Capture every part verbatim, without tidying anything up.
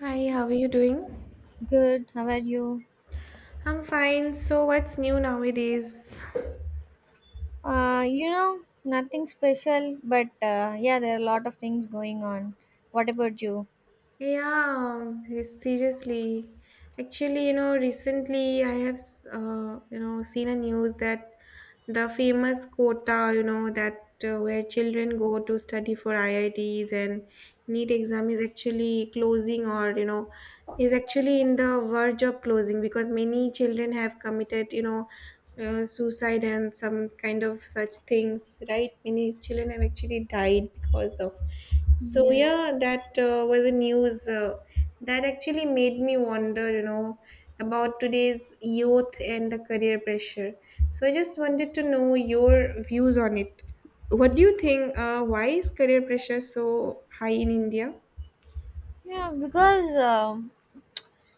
Hi, how are you doing? Good. How are you? I'm fine. So, what's new nowadays? Uh, you know, nothing special, but uh, yeah, there are a lot of things going on. What about you? Yeah, yes, seriously. Actually, you know, recently I have, s- uh, you know, seen a news that the famous quota, you know, that uh, where children go to study for I I Ts and NEET exam is actually closing or, you know, is actually in the verge of closing because many children have committed, you know, uh, suicide and some kind of such things, right? Many children have actually died because of so Yes. yeah, that uh, was a news uh, that actually made me wonder, you know, about today's youth and the career pressure. So I just wanted to know your views on it. What do you think? Uh, why is career pressure so high in India? Yeah, because um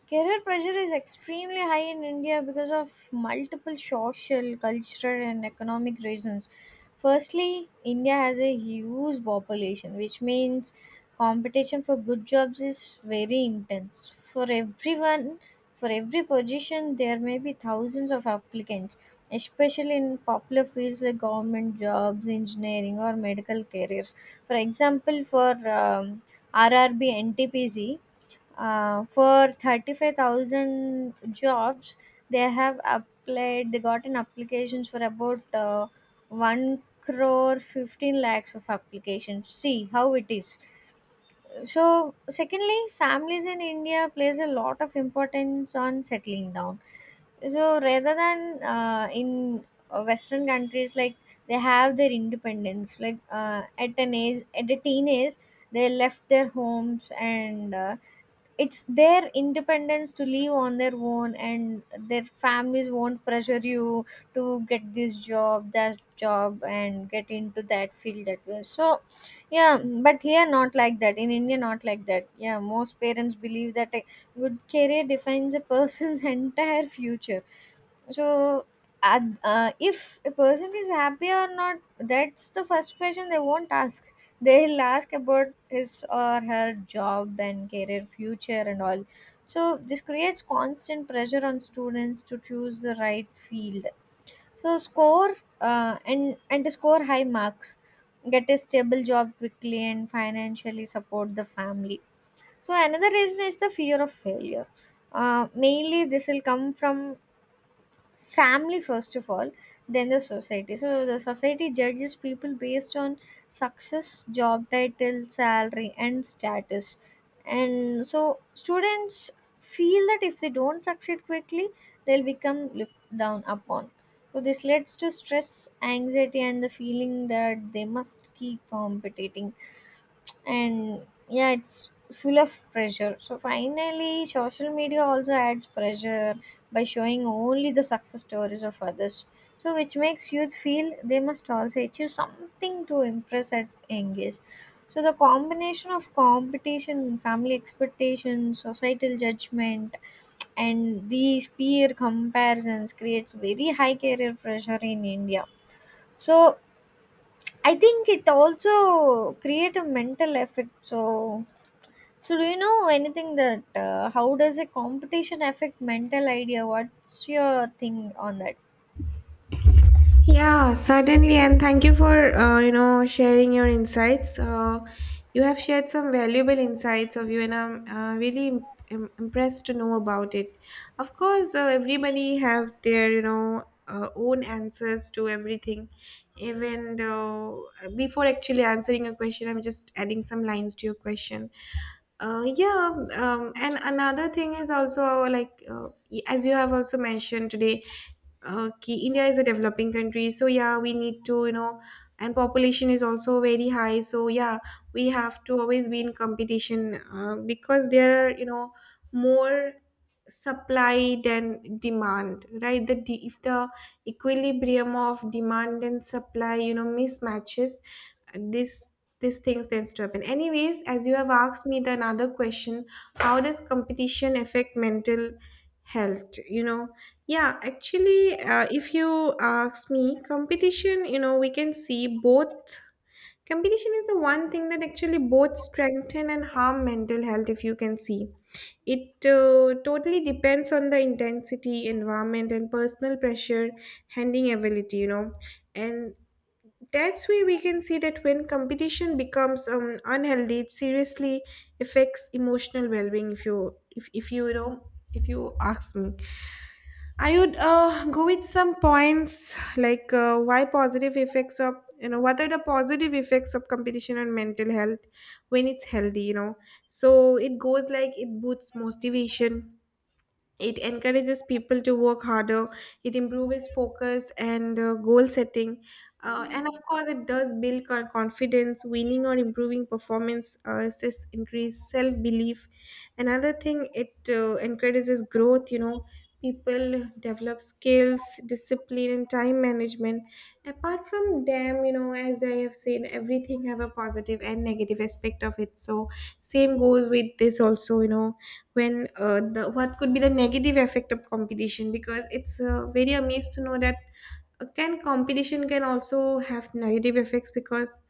career pressure is extremely high in India because of multiple social, cultural, and economic reasons. Firstly, India has a huge population, which means competition for good jobs is very intense. For everyone, for every position, there may be thousands of applicants, especially in popular fields like government jobs, engineering, or medical careers. For example, for um, R R B N T P C, uh, for thirty-five thousand jobs they have applied, they gotten applications for about uh, one crore fifteen lakhs of applications. See how it is. So secondly, families in India plays a lot of importance on settling down, so rather than uh, in uh, western countries, like they have their independence, like uh, at an age, at a teenage, they left their homes and uh, it's their independence to live on their own, and their families won't pressure you to get this job, that job, and get into that field that way. So yeah, but here not like that, in India not like that. Yeah, most parents believe that a good career defines a person's entire future. So uh, uh, if a person is happy or not, that's the first question they won't ask. They'll ask about his or her job and career future and all. So this creates constant pressure on students to choose the right field. So score, uh, and and to score high marks, get a stable job quickly, and financially support the family. So another reason is the fear of failure. Uh, mainly this will come from family first of all, then the society. So the society judges people based on success, job title, salary, and status. And so students feel that if they don't succeed quickly, they'll become looked down upon. So this leads to stress, anxiety, and the feeling that they must keep competing. And yeah, it's full of pressure. So finally, social media also adds pressure by showing only the success stories of others, so which makes youth feel they must also achieve something to impress at young age. So the combination of competition, family expectations, societal judgment, and these peer comparisons creates very high career pressure in India. So I think it also create a mental effect. So so, do you know anything that uh, how does a competition affect mental idea? What's your thing on that? Yeah, certainly, and thank you for uh, you know sharing your insights. Uh, you have shared some valuable insights of you, and I'm uh, really im- im- impressed to know about it. Of course, uh, everybody have their you know uh, own answers to everything. Even though before actually answering a question, I'm just adding some lines to your question. Uh, yeah, um, and another thing is also like uh, y- as you have also mentioned today. Okay, India is a developing country, so yeah, we need to, you know, and population is also very high, so yeah, we have to always be in competition uh, because there are, you know, more supply than demand, right? The de- if the equilibrium of demand and supply, you know, mismatches, and this these things tends to happen anyways. As you have asked me the another question, how does competition affect mental health? You know yeah, actually, uh, if you ask me, competition, you know we can see both. Competition is the one thing that actually both strengthen and harm mental health. If you can see it, uh, totally depends on the intensity, environment and personal pressure handling ability, you know and that's where we can see that when competition becomes um, unhealthy, it seriously affects emotional well-being. If you if, if you, you know if you ask me, I would uh, go with some points like uh, why positive effects of you know what are the positive effects of competition on mental health when it's healthy. You know, so it goes like it boosts motivation, it encourages people to work harder, it improves focus and uh, goal setting. Uh, and of course, it does build our confidence, winning or improving performance, uh, assists increase self belief. Another thing, it uh, encourages growth, you know, people develop skills, discipline, and time management. Apart from them, you know, as I have said, everything have a positive and negative aspect of it. So, same goes with this also, you know when uh, the what could be the negative effect of competition, because it's uh, very amazed to know that uh, can competition can also have negative effects, because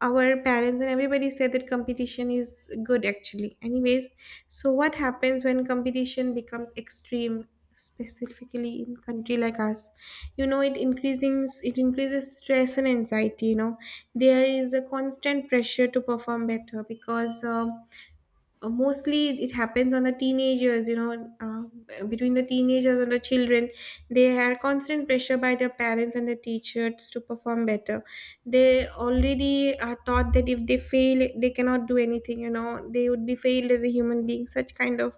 our parents and everybody said that competition is good, actually. Anyways, so what happens when competition becomes extreme, specifically in country like us? You know it increases it increases stress and anxiety, you know there is a constant pressure to perform better, because um uh, mostly it happens on the teenagers, you know uh, between the teenagers and the children. They have constant pressure by their parents and the teachers to perform better. They already are taught that if they fail, they cannot do anything, you know they would be failed as a human being. Such kind of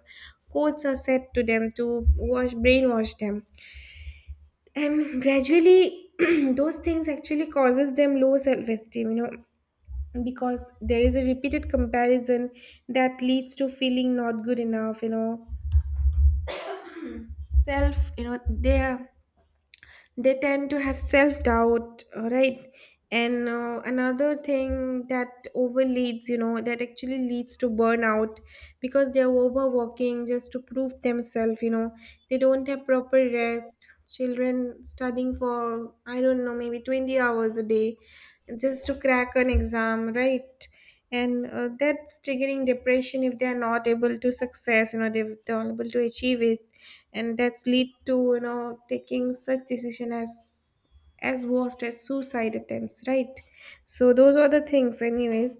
quotes are said to them to wash brainwash them, and gradually those things actually causes them low self-esteem, you know because there is a repeated comparison that leads to feeling not good enough, you know self you know there they tend to have self doubt, right? And uh, another thing that overleads, you know that actually leads to burnout, because they're overworking just to prove themselves, you know they don't have proper rest. Children studying for I don't know, maybe twenty hours a day, just to crack an exam, right? And uh, that's triggering depression. If they are not able to success, you know they- they're not able to achieve it, and that's lead to you know taking such decision as as worst as suicide attempts, right? So those are the things. Anyways,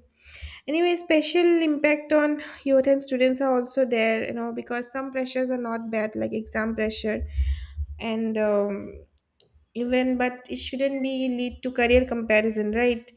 anyway, special impact on youth and students are also there, you know because some pressures are not bad like exam pressure and um, even, but it shouldn't be lead to career comparison, right?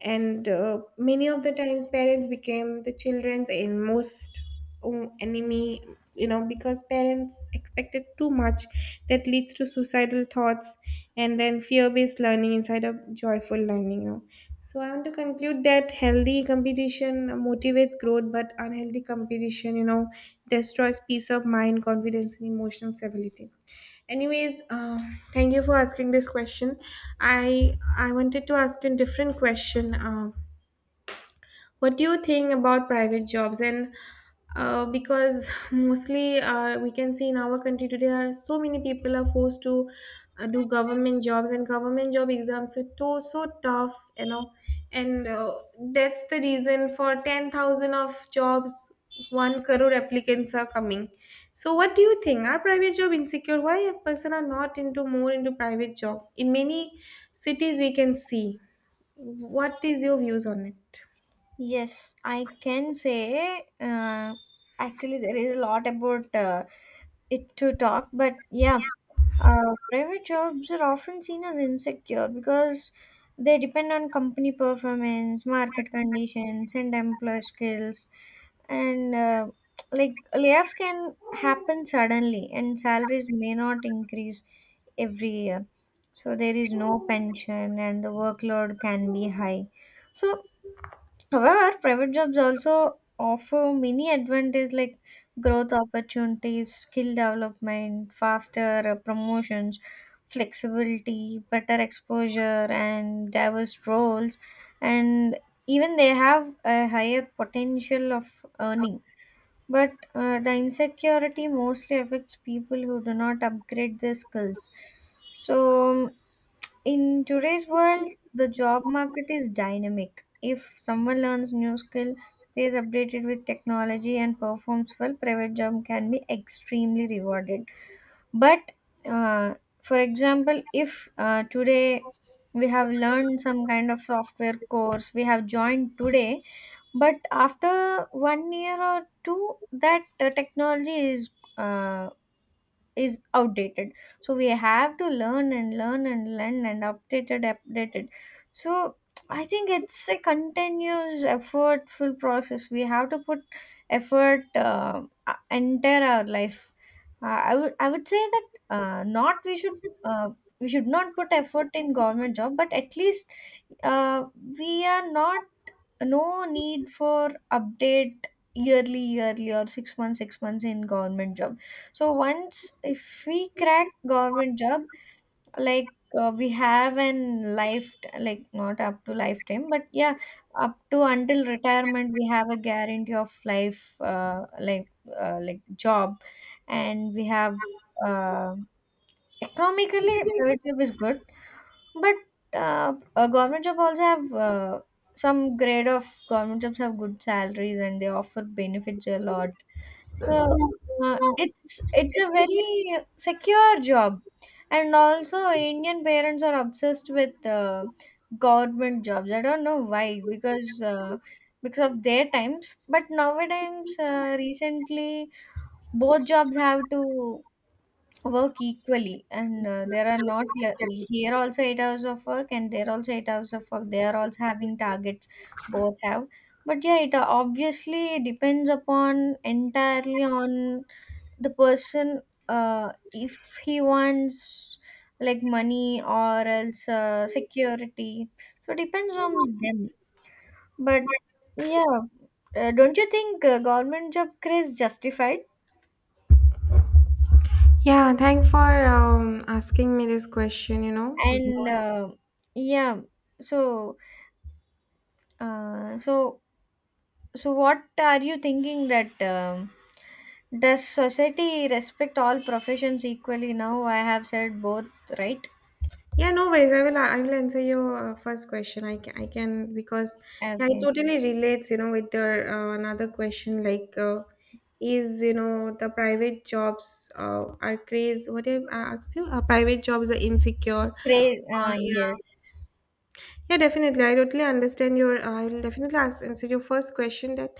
And uh, many of the times parents became the children's and most um, enemy, you know because parents expected too much, that leads to suicidal thoughts, and then fear-based learning instead of joyful learning. You know so I want to conclude that healthy competition motivates growth, but unhealthy competition, you know destroys peace of mind, confidence and emotional stability. Anyways, uh, thank you for asking this question. I I wanted to ask you a different question. Uh, what do you think about private jobs? And uh, because mostly uh, we can see in our country today are so many people are forced to uh, do government jobs, and government job exams are too, so tough, you know and uh, that's the reason for ten thousand of jobs one crore applicants are coming. So what do you think, are private job insecure? Why a person are not into more into private job? In many cities we can see. What is your views on it? Yes, I can say uh, actually there is a lot about uh, it to talk, but yeah, Uh, private jobs are often seen as insecure because they depend on company performance, market conditions, and employer skills. And uh, like layoffs can happen suddenly, and salaries may not increase every year. So there is no pension, and the workload can be high. So however, private jobs also offer many advantages like growth opportunities, skill development, faster uh, promotions, flexibility, better exposure, and diverse roles. And even they have a higher potential of earning. But uh, the insecurity mostly affects people who do not upgrade their skills. So, um, in today's world, the job market is dynamic. If someone learns new skill, stays updated with technology and performs well, private job can be extremely rewarded. But uh, for example, if uh, today we have learned some kind of software course, we have joined today, but after one year or two, that uh, technology is uh, is outdated, so we have to learn and learn and learn and updated updated. So I think it's a continuous effortful process. We have to put effort uh, uh, entire our life. Uh, i would i would say that uh, not we should uh, we should not put effort in government job, but at least uh, we are not no need for update yearly yearly or six months six months in government job. So once if we crack government job, like uh, we have an life like not up to lifetime, but yeah, up to until retirement we have a guarantee of life, uh, like uh, like job. And we have uh, economically private job is good, but uh, a government job also have uh, some grade of government jobs have good salaries and they offer benefits a lot. So uh, it's it's a very secure job. And also Indian parents are obsessed with uh, government jobs. I don't know why, because uh, because of their times, but nowadays uh, recently both jobs have to work equally, and uh, there are not le- here also eight hours of work, and there also eight hours of work, they are also having targets, both have. But yeah, it uh, obviously depends upon entirely on the person. Uh, if he wants like money or else uh, security, so depends on them. But yeah, uh, don't you think uh, government job craze justified? Yeah, thanks for um, asking me this question, you know. And uh, yeah. So Uh, so so what are you thinking that um, does society respect all professions equally? Now I have said both, right? Yeah, no worries. I will I will answer your uh, first question. I can, I can because yeah, it Okay. totally relates, you know, with your uh, another question like uh, is, you know, the private jobs uh, are crazy. What I asked you, uh, private jobs are insecure Crazy. or Uh, yeah. Yes. Yeah, definitely. I totally understand your. uh, I will definitely ask, answer your first question that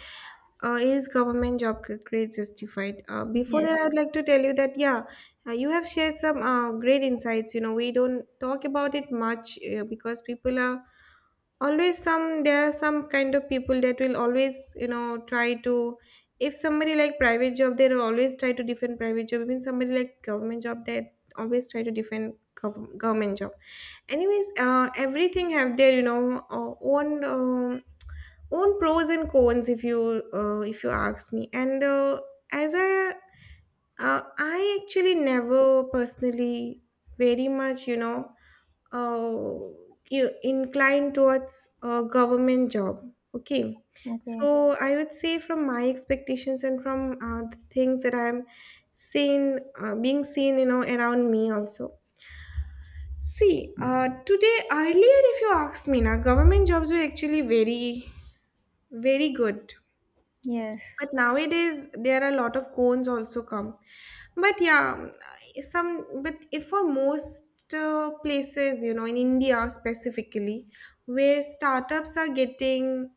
uh, is government job c- grades justified? Uh, before that, I Yes. would like to tell you that yeah, uh, you have shared some uh, great insights. You know, we don't talk about it much uh, because people are always some there are some kind of people that will always, you know try to if somebody like private job, they will always try to defend private job. Even somebody like government job, they always try to defend gov- government job. Anyways, uh, everything have their you know uh, own um own pros and cons. If you uh, if you ask me, and uh, as I uh, I actually never personally very much, you know uh, you inclined towards a government job. Okay, Okay. so I would say from my expectations and from uh, the things that I'm seen, uh, being seen, you know, around me also. See, uh, today earlier, if you ask me, now government jobs were actually very, very good. Yes. But nowadays there are a lot of cones also come. But yeah, some but it for most uh, places, you know, in India specifically, where startups are getting,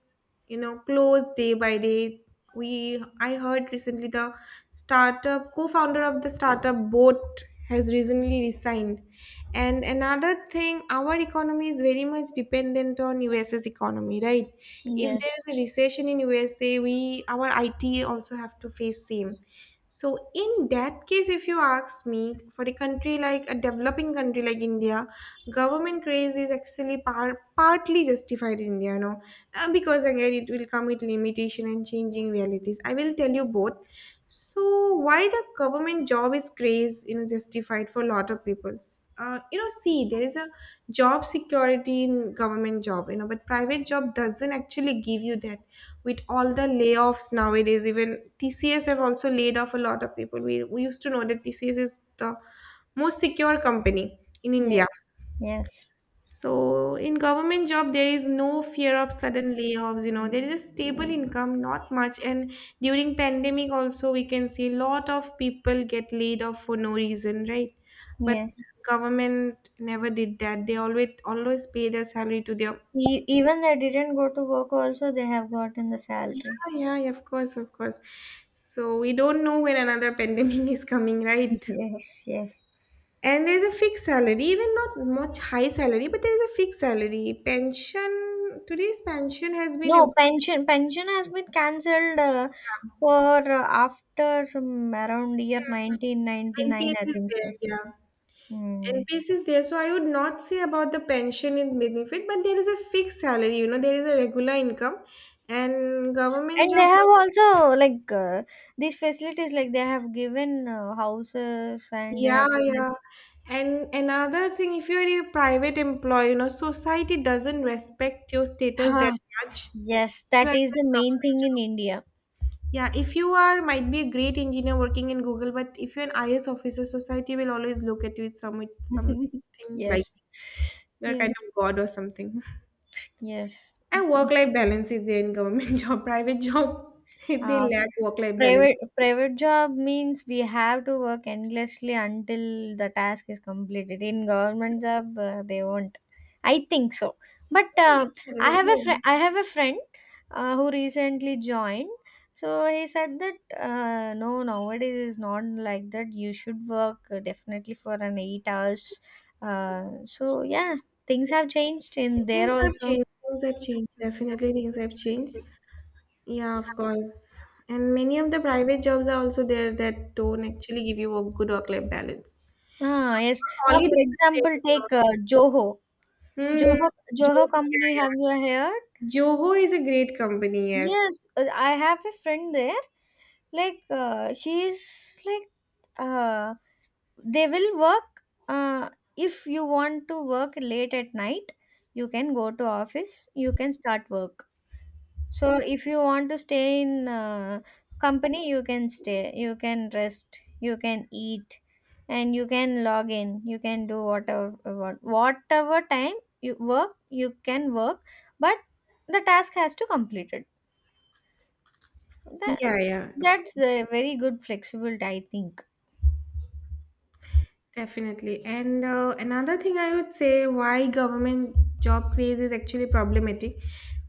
you know, closed day by day. We I heard recently the startup co-founder of the startup boat has recently resigned. And another thing, our economy is very much dependent on US's economy, right? If there Yes. is a recession in U S A, we our I T also have to face same. So in that case, if you ask me, for a country like a developing country like India, government craze is actually par- partly justified in India, you know, Uh, because again it will come with limitation and changing realities. I will tell you both. So why the government job is craze, you know, justified for a lot of peoples? Uh, you know, see, there is a job security in government job, you know but private job doesn't actually give you that. With all the layoffs nowadays, even T C S have also laid off a lot of people. We, we used to know that T C S is the most secure company in India. Yes. Yes. So in government job, there is no fear of sudden layoffs. You know, there is a stable income, not much. And during pandemic also, we can see a lot of people get laid off for no reason, right? But Yes. government never did that. They always always pay their salary to their. E- even they didn't go to work also they have gotten the salary. Oh, yeah, yeah, of course, of course. So we don't know when another pandemic is coming, right? Yes, yes. And there is a fixed salary, even not much high salary, but there is a fixed salary. Pension today's pension has been about No, pension. Pension has been cancelled uh, for uh, after some around year nineteen ninety-nine, N P S I is think there, so. yeah. Hmm. N P S is there. So I would not say about the pension and benefit, but there is a fixed salary, you know, there is a regular income and government And they job. have also like uh, these facilities, like they have given uh, houses and they Yeah, have given. yeah. And another thing, if you're a private employee, you know, society doesn't respect your status that Ah, much. If yes, you are in that is a the main government thing in job. India. Yeah, if you are might be a great engineer working in Google, but if you're an I A S officer, society will always look at you with some with something like Yes, you're yes, kind of god or something. yes. And work life balance is there in government job, private job, they Uh, lack work life balance. Private private job means we have to work endlessly until the task is completed. In government job, uh, they won't. I think so. But Yeah, uh, totally I have a friend. okay. I have a friend uh, who recently joined. So he said that uh, no, nowadays is not like that. You should work uh, definitely for an eight hours. Uh, so yeah, things have changed in there Things have also. changed. Things have changed. Definitely, things have changed. Yeah, of course. And many of the private jobs are also there that don't actually give you a good work-life balance. Ah, yes. Ah, Holidays for are example, there. take uh, Joho. Hmm. Joho, Jo- Joho yeah, company, have yeah. you heard? Joho is a great company, yes. Yes, uh, I have a friend there. Like, uh, she's like, uh, they will work. Uh, if you want to work late at night, you can go to office. You can start work. So if you want to stay in uh, company, you can stay, you can rest, you can eat, and you can log in. You can do whatever what- whatever time you work, you can work, but the task has to complete it. That, Yeah, yeah, of that's course. a very good flexible, I think. Definitely. And uh, another thing I would say why government job craze is actually problematic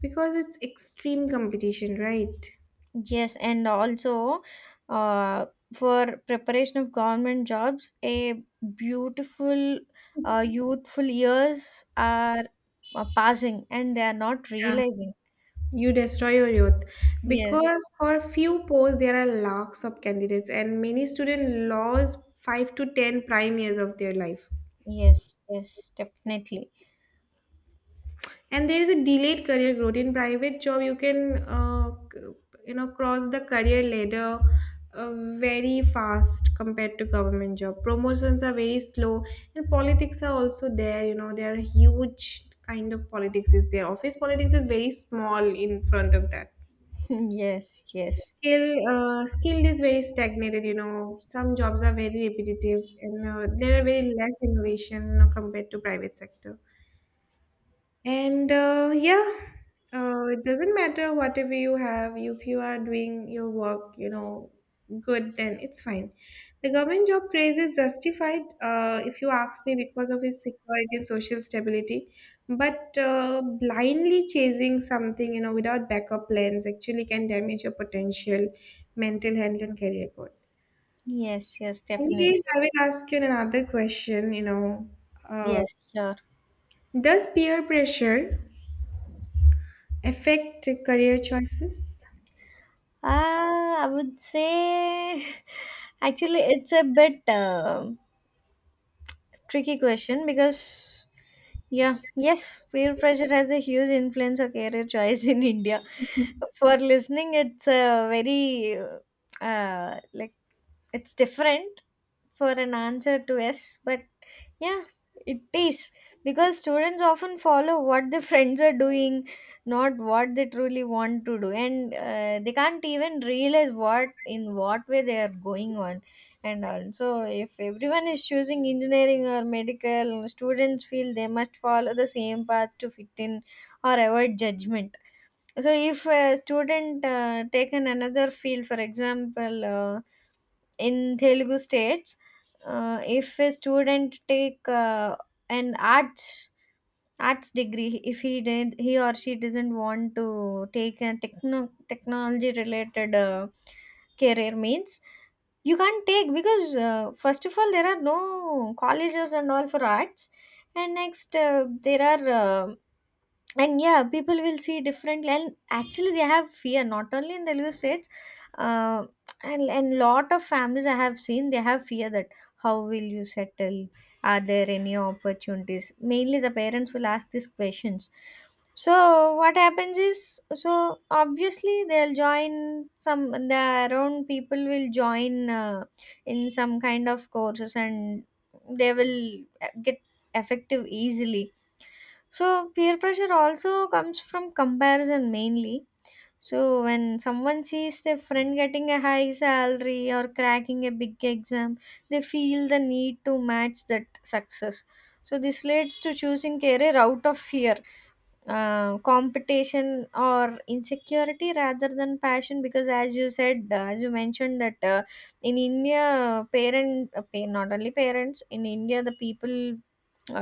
because it's extreme competition, right? Yes, and also uh, for preparation of government jobs, a beautiful uh, youthful years are uh, passing and they are not Yeah. realizing. You destroy your youth Yes, because for few posts there are lakhs of candidates and many students lose five to ten prime years of their life. yes, yes, definitely. And there is a delayed career growth in private job you can uh, you know cross the career ladder, uh, very fast compared to government job. Promotions are very slow and politics are also there, you know, there are huge kind of politics is there. Office politics is very small in front of that. Yes, yes, skill uh, Skilled is very stagnated, you know, some jobs are very repetitive and uh, there are very less innovation, you know, compared to private sector. And uh, yeah, uh, it doesn't matter whatever you have, if you are doing your work, you know, good, then it's fine. The government job craze is justified, uh, if you ask me, because of its security and social stability. But uh, blindly chasing something, you know, without backup plans actually can damage your potential, mental health, and career growth. yes, yes, definitely. Anyways, I will ask you another question, you know. Uh, Yes, sure. does peer pressure affect career choices? Uh, I would say actually it's a bit. Um tricky question because yeah, yes, peer pressure has a huge influence on career choice in India. For listening it's a very uh, like it's different for an answer to yes, but yeah, it is, because students often follow what their friends are doing, not what they truly want to do, and uh, they can't even realize what in what way they are going on. And also, if everyone is choosing engineering or medical, students feel they must follow the same path to fit in or avoid judgment. So if a student uh, taken another field, for example, uh, in Telugu states, uh, if a student take uh, an arts arts degree, if he did, he or she doesn't want to take a techno technology related uh, career means, you can't take, because uh, first of all, there are no colleges and all for arts. And next, uh, there are uh, and yeah, people will see differently, and actually they have fear, not only in Telugu states. Uh, and and lot of families I have seen, they have fear that how will you settle, are there any opportunities. Mainly the parents will ask these questions. So what happens is, so obviously they'll join some, their own people will join uh, in some kind of courses, and they will get effective easily. So peer pressure also comes from comparison mainly. So when someone sees their friend getting a high salary or cracking a big exam, they feel the need to match that success. So this leads to choosing career out of fear, uh, competition, or insecurity rather than passion. Because as you said, uh, as you mentioned that uh, in India, parent uh, pa- not only parents in India the people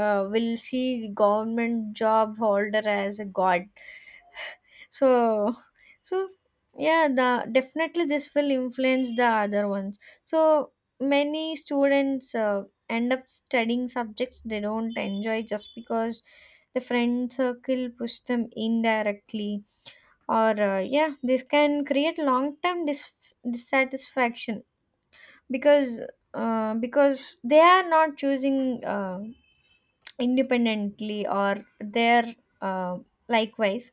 uh, will see government job holder as a god. So, so yeah, the definitely this will influence the other ones. So many students uh, end up studying subjects they don't enjoy, just because the friend circle push them indirectly, or uh, yeah, this can create long-term dis- dissatisfaction because uh, because they are not choosing Uh, independently or there uh, likewise.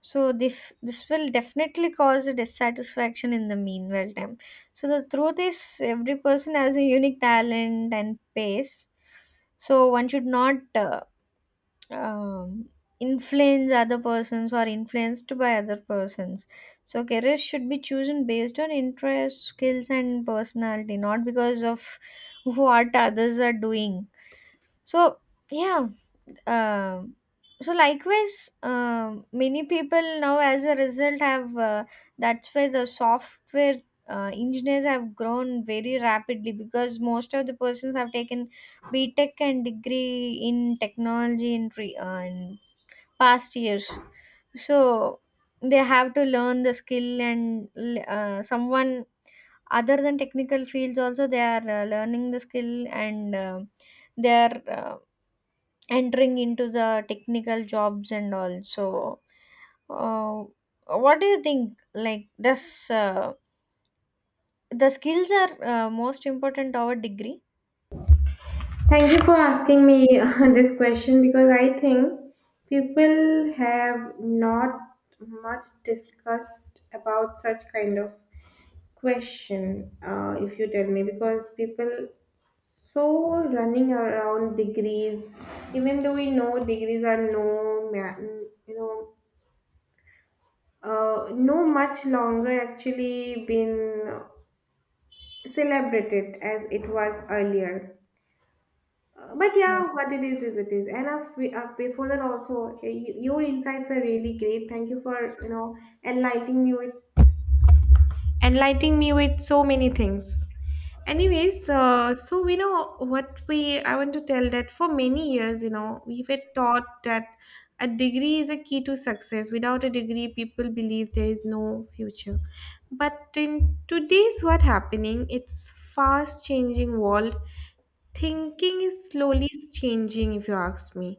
So this this will definitely cause a dissatisfaction in the meanwhile time. So the truth is every person has a unique talent and pace, so one should not uh, um, influence other persons or influenced by other persons. So careers should be chosen based on interests, skills, and personality, not because of what others are doing. So yeah, um, so likewise, um, many people now, as a result, have uh, that's why the software uh, engineers have grown very rapidly, because most of the persons have taken B Tech and degree in technology in, re- uh, in past years. So they have to learn the skill, and uh, someone other than technical fields also they are uh, learning the skill, and uh, they are uh, entering into the technical jobs and all. So uh, what do you think, like, does uh, the skills are uh, most important our degree? Thank you for asking me this question because I think people have not much discussed about such kind of question. Uh, if you tell me, because people so running around degrees, even though we know degrees are no, ma- you know, uh, no much longer actually been celebrated as it was earlier. Uh, but yeah, what it is is it is. And uh, we- uh, before that also, uh, y- your insights are really great. Thank you for, you know, enlightening me with enlightening me with so many things. Anyways, uh, so we know what we I want to tell that for many years, you know, we were taught that a degree is a key to success. Without a degree, people believe there is no future. But in today's what happening, it's fast changing world, thinking is slowly changing if you ask me.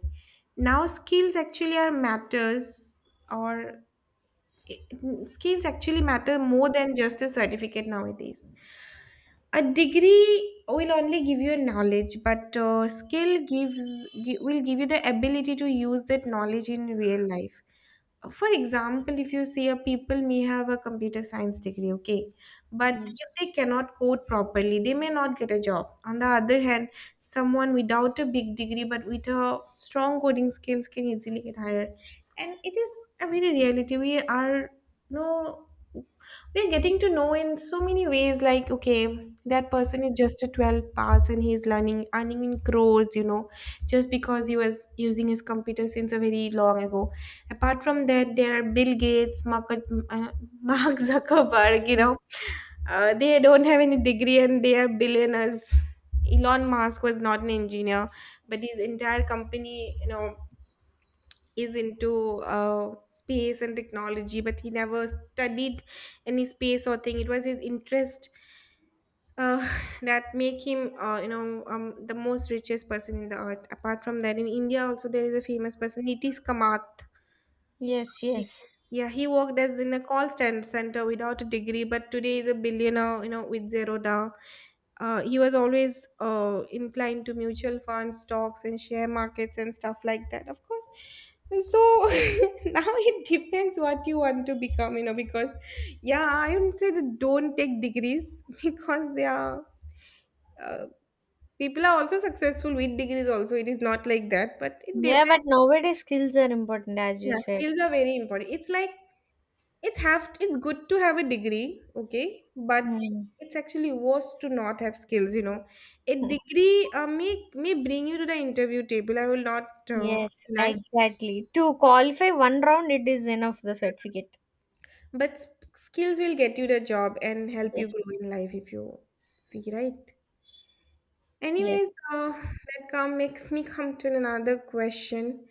Now skills actually are matters, or eh, skills actually matter more than just a certificate nowadays. A degree will only give you knowledge, but uh, skill gives gi- will give you the ability to use that knowledge in real life. For example, if you say a people may have a computer science degree, okay, but Mm. if they cannot code properly they may not get a job. On the other hand, someone without a big degree but with a strong coding skills can easily get hired. And it is a very reality we are, no, we're getting to know in so many ways like, okay, that person is just a twelve pass and he's learning earning in crores, you know, just because he was using his computer since a very long ago. Apart from that, there are Bill Gates, Mark, uh, Mark Zuckerberg, you know, uh, they don't have any degree and they are billionaires. Elon Musk was not an engineer, but his entire company, you know, is into uh, space and technology, but he never studied any space or thing. It was his interest uh, that make him, uh, you know, um, the most richest person in the earth. Apart from that, in India also there is a famous person, Nitish Kamath. Yes, He, yes. yeah, he worked as in a call stand center without a degree, but today is a billionaire, you know, with zero down. Uh, he was always uh, inclined to mutual funds, stocks, and share markets and stuff like that. Of course, so now it depends what you want to become, you know, because yeah, I would say that don't take degrees because they are, uh, people are also successful with degrees also, it is not like that, but it depends. Yeah, but nowadays skills are important, as you Yeah, said. skills are very important. It's like It's have it's good to have a degree, okay, but Mm. it's actually worse to not have skills. You know, a degree uh, may may bring you to the interview table. I will not uh, Yes, deny, exactly. To qualify one round it is enough, the certificate. but s- skills will get you the job and help you Yes, grow in life, if you see, right. Anyways, yes. uh, that come makes me come to another question.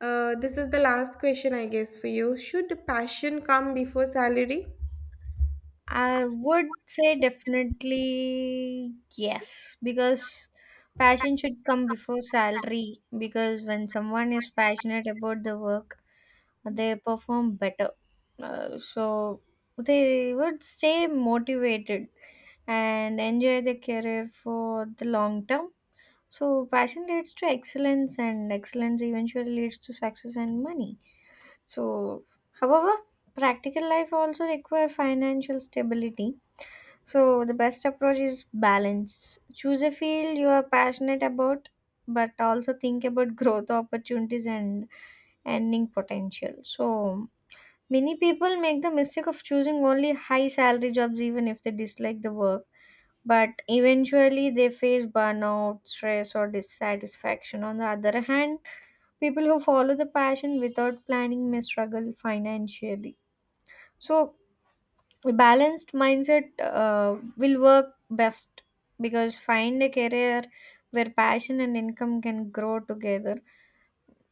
Uh, this is the last question, I guess, for you. Should passion come before salary? I would say definitely yes, because passion should come before salary. Because when someone is passionate about the work, they perform better. Uh, so they would stay motivated and enjoy their career for the long term. So passion leads to excellence, and excellence eventually leads to success and money. So, however, practical life also require financial stability. So the best approach is balance. Choose a field you are passionate about, but also think about growth opportunities and earning potential. So many people make the mistake of choosing only high salary jobs even if they dislike the work. But eventually they face burnout, stress, or dissatisfaction. On the other hand, people who follow the passion without planning may struggle financially. So a balanced mindset uh, will work best, because find a career where passion and income can grow together.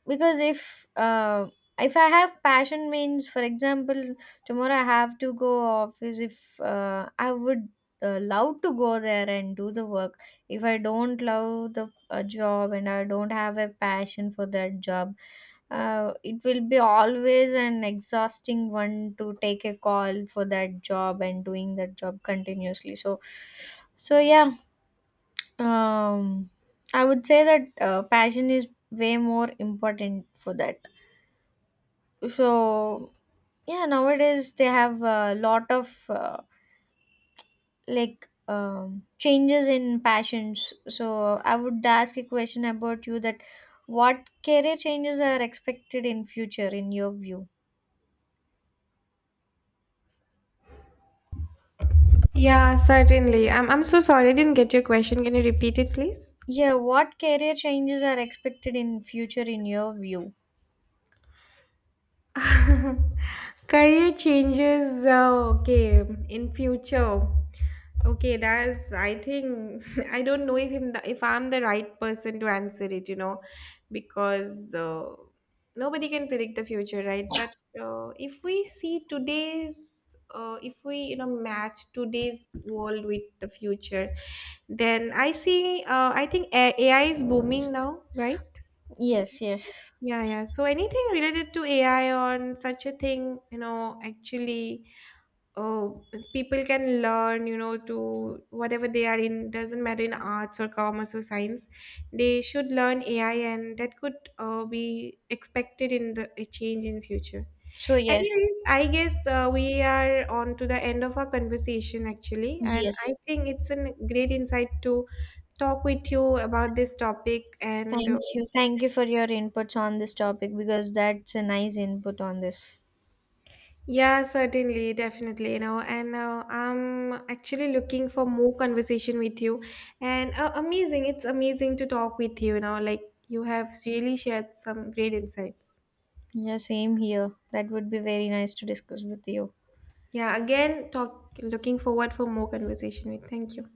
Because if uh, if I have passion means, for example, tomorrow I have to go office, if uh, I would uh, love to go there and do the work. If I don't love the a job and I don't have a passion for that job, uh, it will be always an exhausting one to take a call for that job and doing that job continuously. So so yeah, um I would say that uh, passion is way more important for that. So yeah, nowadays they have a lot of uh, like um, changes in passions. So I would ask a question about you that what career changes are expected in future in your view. Yeah, certainly. I'm I'm so sorry I didn't get your question. Can you repeat it, please? Yeah, what career changes are expected in future in your view? Career changes, uh, okay, in future. Okay, that's, I think, I don't know if, him the, if I'm the right person to answer it, you know, because uh, nobody can predict the future, right? But uh, if we see today's, uh, if we, you know, match today's world with the future, then I see, uh, I think A- AI is booming now, right? Yes, yes. Yeah, yeah. So anything related to A I on such a thing, you know, actually, oh, people can learn, you know, to whatever they are in, doesn't matter in arts or commerce or science, they should learn A I, and that could uh, be expected in the a change in future. So yes, Anyways, I guess uh, we are on to the end of our conversation actually, and I yes. think it's a great insight to talk with you about this topic and. Uh, Thank you. Thank you for your inputs on this topic, because that's a nice input on this. Yeah, certainly, definitely, you know, and uh, I'm actually looking for more conversation with you. And uh, amazing, it's amazing to talk with you, you know, like you have really shared some great insights. Yeah, same here. That would be very nice to discuss with you. Yeah, again, talk looking forward for more conversation with. Thank you.